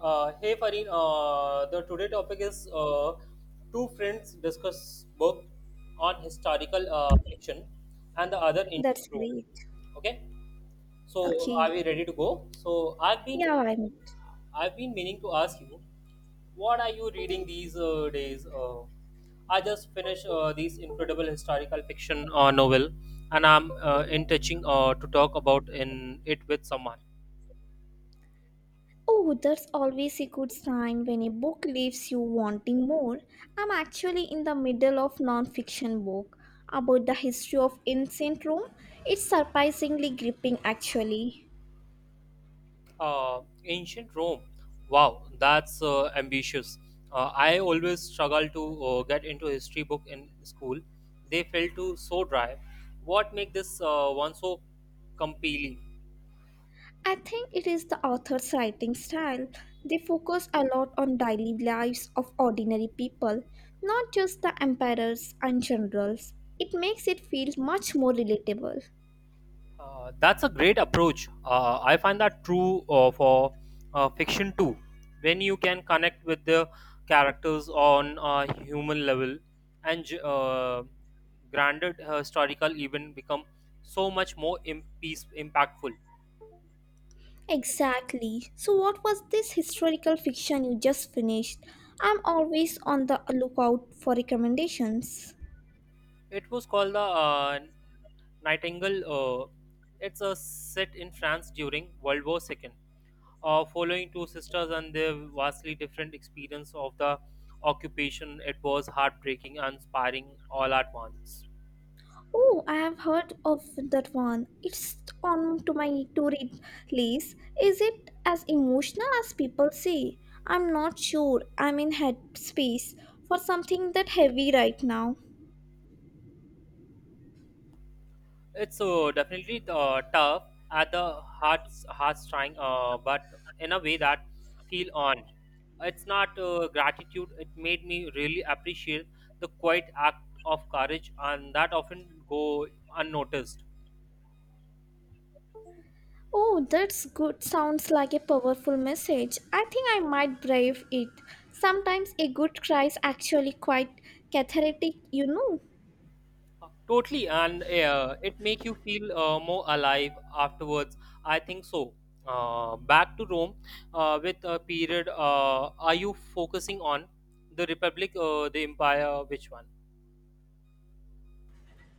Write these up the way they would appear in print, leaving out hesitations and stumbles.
Hey Farin, the today topic is two friends discuss book on historical fiction and the other That's ancient Rome. great. Okay, so are Okay. we ready to go? So I've been Yeah, I'm. I've been meaning to ask you, what are you reading these days? I just finished this incredible historical fiction novel, and I'm in touching to talk about in it with someone. Oh, that's always a good sign when a book leaves you wanting more. I'm actually in the middle of non-fiction book about the history of ancient Rome. It's surprisingly gripping actually. Ancient Rome. Wow, that's ambitious. I always struggle to get into history book in school. They felt too so dry. What make this one so compelling? I think it is the author's writing style. They focus a lot on daily lives of ordinary people, not just the emperors and generals. It makes it feel much more relatable. That's a great approach. I find that true for fiction too. When you can connect with the characters on a human level, and granted historical event become so much more impactful. Exactly. So, what was this historical fiction you just finished? I'm always on the lookout for recommendations. It was called the Nightingale. It's a set in France during World War II, following two sisters and their vastly different experience of the occupation. It was heartbreaking and inspiring all at once. Oh, I have heard of that one. It's on to my to read list. Is it as emotional as people say? I'm not sure. I'm in headspace for something that heavy right now. It's so definitely tough at the heart's trying, but in a way that feel on. It's not gratitude. It made me really appreciate the quiet act of courage, and that often go unnoticed. Oh, that's good. Sounds like a powerful message. I think I might brave it. Sometimes a good cry is actually quite cathartic. Totally, and it make you feel more alive afterwards. I think so. Back to Rome with a period. Are you focusing on the Republic, the Empire, which one?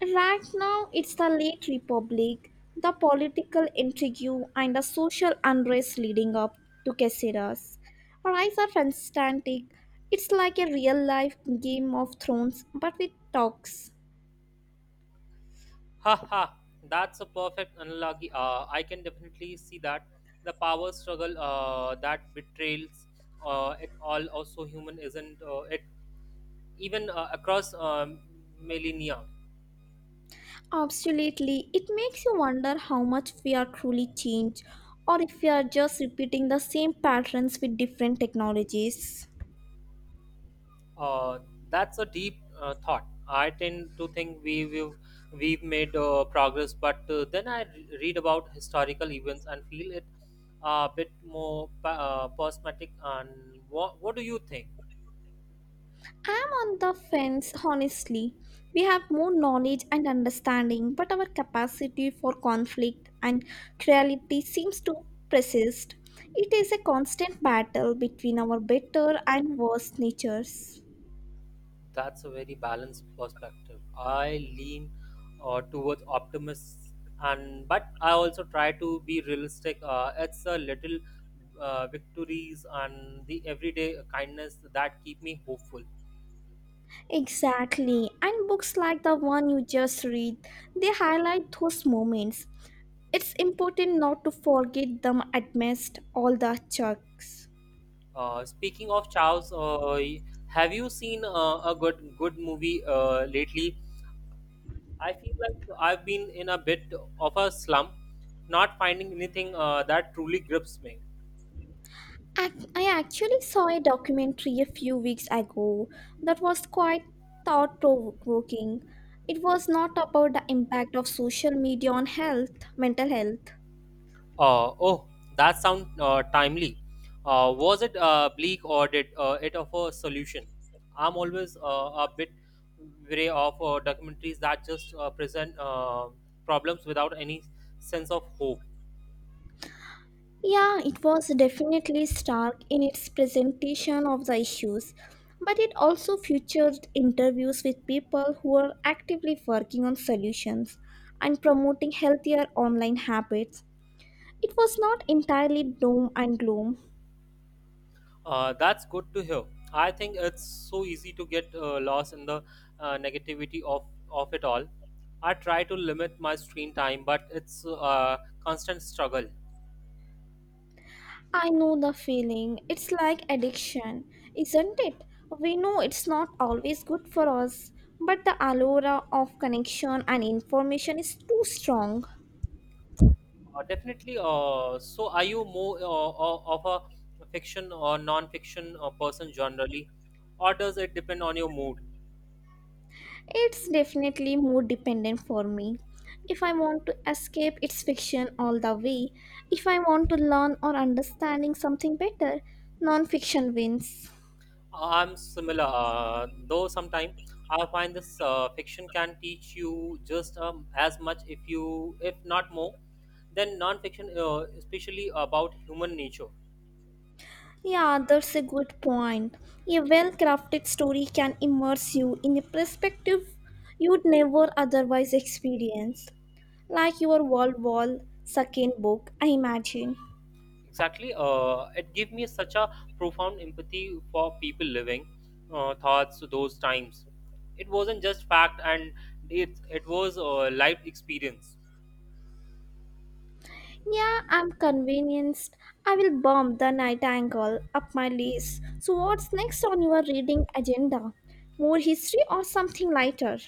Right now, it's the late republic, the political intrigue, and the social unrest leading up to Caceres. Rise of Constantine. It's like a real life Game of Thrones, but with talks. Ha ha! That's a perfect analogy. I can definitely see that the power struggle that betrays it all also human isn't it even across millennia. Absolutely. It makes you wonder how much we are truly changed, or if we are just repeating the same patterns with different technologies. Uh, that's a deep thought. I tend to think we've made progress, but then I read about historical events and feel it a bit more prismatic. And what do you think? I'm on the fence, honestly. We have more knowledge and understanding, but our capacity for conflict and cruelty seems to persist. It is a constant battle between our better and worse natures. That's a very balanced perspective. I lean towards optimists, and but I also try to be realistic. It's a little victories and the everyday kindness that keep me hopeful. Exactly. And books like the one you just read, they highlight those moments. It's important not to forget them amidst all the chunks. Speaking of Charles, have you seen a good movie lately? I feel like I've been in a bit of a slump, not finding anything that truly grips me. I actually saw a documentary a few weeks ago that was quite thought provoking. It was not about the impact of social media on health, mental health. Oh, that sounds timely. Was it bleak or did it offer a solution? I'm always a bit wary of documentaries that just present problems without any sense of hope. Yeah, it was definitely stark in its presentation of the issues, but it also featured interviews with people who are actively working on solutions and promoting healthier online habits. It was not entirely doom and gloom. That's good to hear. I think it's so easy to get lost in the negativity of it all. I try to limit my screen time, but it's a constant struggle. I know the feeling. It's like addiction, isn't it? We know it's not always good for us, but the allure of connection and information is too strong. Definitely. So, are you more of a fiction or non-fiction person generally, or does it depend on your mood? It's definitely mood dependent for me. If I want to escape, it's fiction all the way. If I want to learn or understanding something better, non-fiction wins. I'm similar, though sometimes I find this fiction can teach you just as much, if not more, than non-fiction, especially about human nature. Yeah, that's a good point. A well crafted story can immerse you in a perspective you'd never otherwise experience, like your World War second book, I imagine. Exactly. It gave me such a profound empathy for people living thoughts those times. It wasn't just fact, and it was a life experience. Yeah, I'm convinced I will bomb the Nightingale up my list. So, what's next on your reading agenda? More history or something lighter?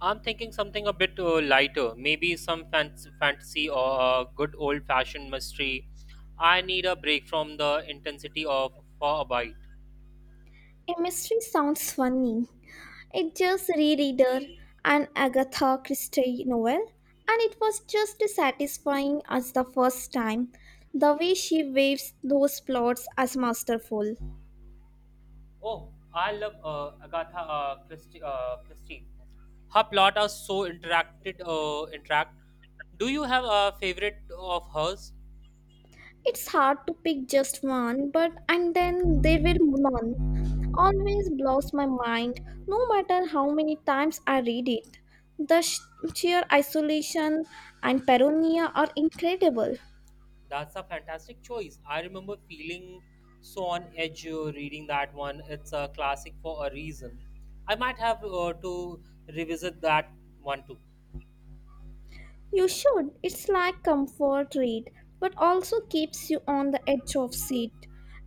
I'm thinking something a bit lighter, maybe some fantasy or a good old fashioned mystery. I need a break from the intensity of for a bite. A mystery sounds funny. It just rereader an Agatha Christie novel, and it was just as satisfying as the first time. The way she weaves those plots as masterful. Oh, I love Agatha Christie. Christie. Her plot are so interact. Do you have a favorite of hers? It's hard to pick just one, but and then there were none. Always blows my mind, no matter how many times I read it. The sheer isolation and paranoia are incredible. That's a fantastic choice. I remember feeling so on edge reading that one. It's a classic for a reason. I might have to revisit that one too. You should. It's like comfort read, but also keeps you on the edge of seat.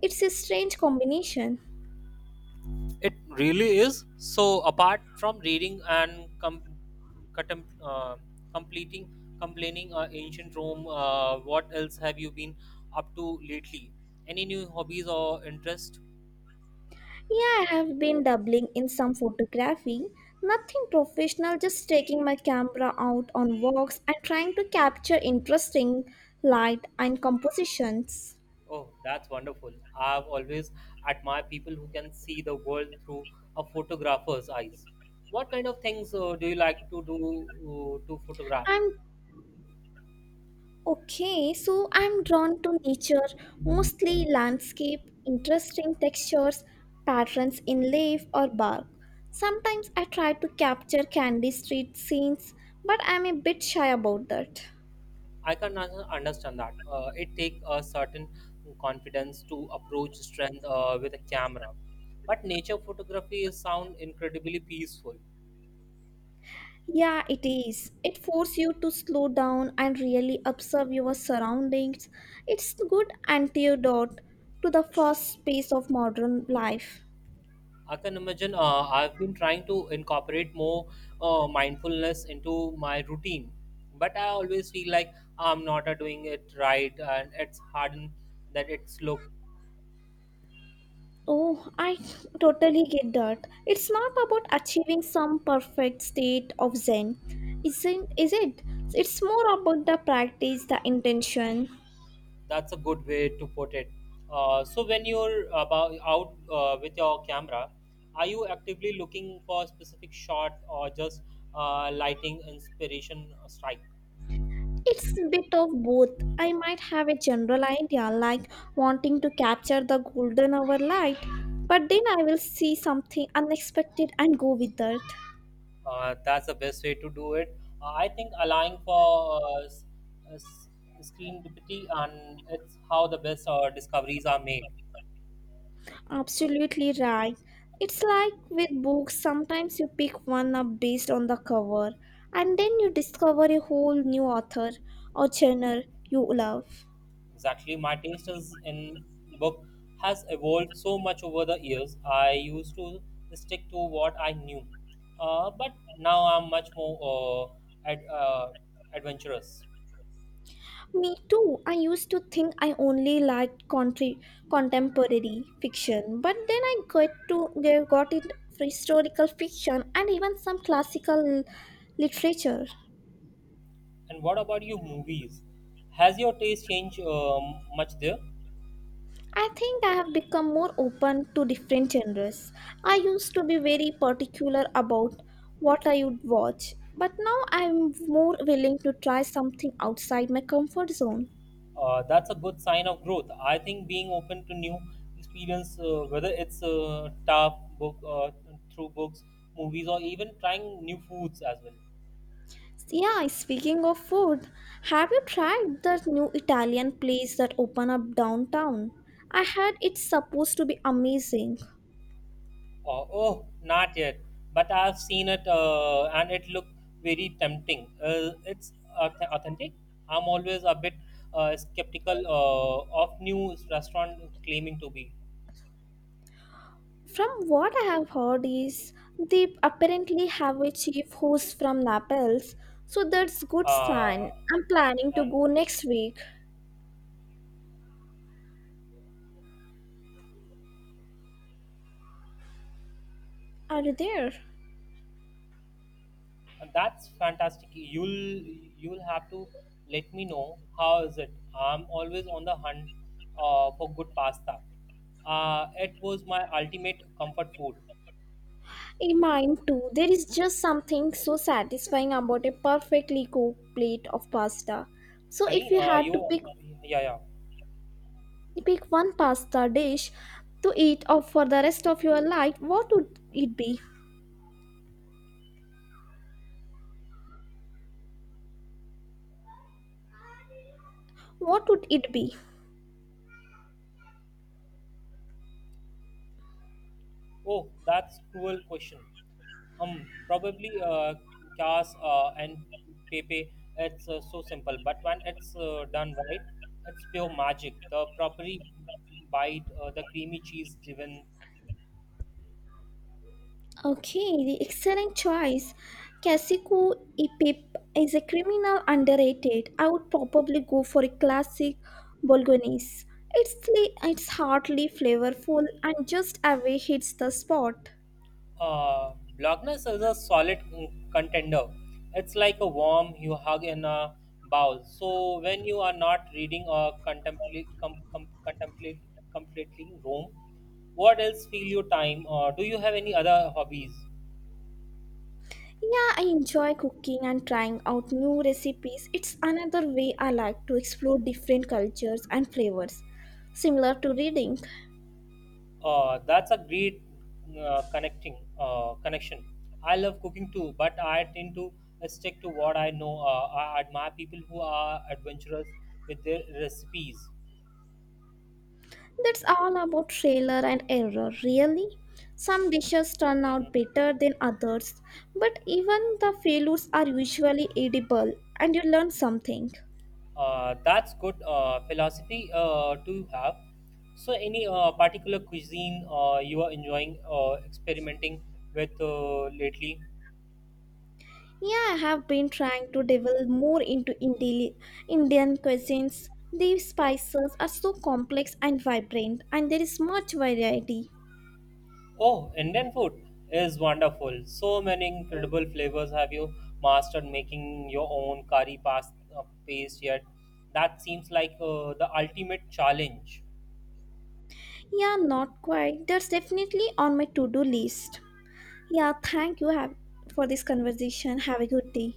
It's a strange combination. It really is. So, apart from reading and contem- uh, completing, complaining ancient Rome, what else have you been up to lately? Any new hobbies or interest? Yeah, I have been dabbling in some photography. Nothing professional, just taking my camera out on walks and trying to capture interesting light and compositions. Oh, that's wonderful. I've always admired people who can see the world through a photographer's eyes. What kind of things do you like to do to photograph? I'm Okay, so I'm drawn to nature, mostly landscape, interesting textures, patterns in leaf or bark. Sometimes I try to capture candy street scenes, but I'm a bit shy about that. I can understand that. It takes a certain confidence to approach strength with a camera. But nature photography is sound incredibly peaceful. Yeah, it is. It forces you to slow down and really observe your surroundings. It's good antidote to the fast pace of modern life. I can imagine I've been trying to incorporate more mindfulness into my routine, but I always feel like I'm not doing it right and it's hard that it's look. Oh, I totally get that. It's not about achieving some perfect state of Zen, isn't is it? It's more about the practice, the intention. That's a good way to put it. So when you're about out with your camera, are you actively looking for a specific shot or just lighting inspiration strike? It's a bit of both. I might have a general idea like wanting to capture the golden hour light, but then I will see something unexpected and go with that. That's the best way to do it. I think allowing for uh, s- screen deputy and it's how the best discoveries are made. Absolutely right. It's like with books, sometimes you pick one up based on the cover, and then you discover a whole new author or genre you love. Exactly, my taste is in book has evolved so much over the years. I used to stick to what I knew, but now I'm much more adventurous. Me too. I used to think I only liked country, contemporary fiction, but then I got it for historical fiction and even some classical literature. And what about you, movies? Has your taste changed much there? I think I have become more open to different genres. I used to be very particular about what I would watch, but now I'm more willing to try something outside my comfort zone. That's a good sign of growth. I think being open to new experience, whether it's tough book through books, movies, or even trying new foods as well. Yeah, speaking of food, have you tried that new Italian place that opened up downtown? I heard it's supposed to be amazing. Oh, not yet, but I've seen it and it looked very tempting. It's authentic. I'm always a bit skeptical of new restaurant claiming to be. From what I have heard is they apparently have a chief who's from Naples, so that's good sign. Uh, I'm planning to and go next week. Are you there? And that's fantastic. You'll have to let me know how is it. I'm always on the hunt for good pasta. It was my ultimate comfort food. In mine too. There is just something so satisfying about a perfectly cooked plate of pasta. So if Karin, you had to pick yeah, yeah. pick one pasta dish to eat of for the rest of your life, what would it be? What would it be? Oh, that's cruel question. Probably Cas and Pepe. It's so simple, but when it's done right, it's pure magic. The properly bite, the creamy cheese driven. Okay, the excellent choice. Kasiku Ipip is a criminal underrated. I would probably go for a classic Bolognese. It's heartily flavorful and just away hits the spot. Uh, Loch is a solid contender. It's like a warm you hug in a bowl. So when you are not reading or contemplate, completely Rome, what else fill your time? Do you have any other hobbies? Yeah, I enjoy cooking and trying out new recipes. It's another way I like to explore different cultures and flavors, similar to reading. That's a great connecting connection. I love cooking too, but I tend to stick to what I know. I admire people who are adventurous with their recipes. That's all about trailer and error, really. Some dishes turn out Mhm. better than others, but even the failures are usually edible and you learn something. That's good philosophy to have. So, any particular cuisine you are enjoying experimenting with lately? Yeah, I have been trying to delve more into Indian cuisines. These spices are so complex and vibrant, and there is much variety. Oh, Indian food is wonderful. So many incredible flavors. Have you mastered making your own curry pasta paste yet? That seems like the ultimate challenge. Yeah, not quite. That's definitely on my to do list. Yeah, thank you have, for this conversation. Have a good day.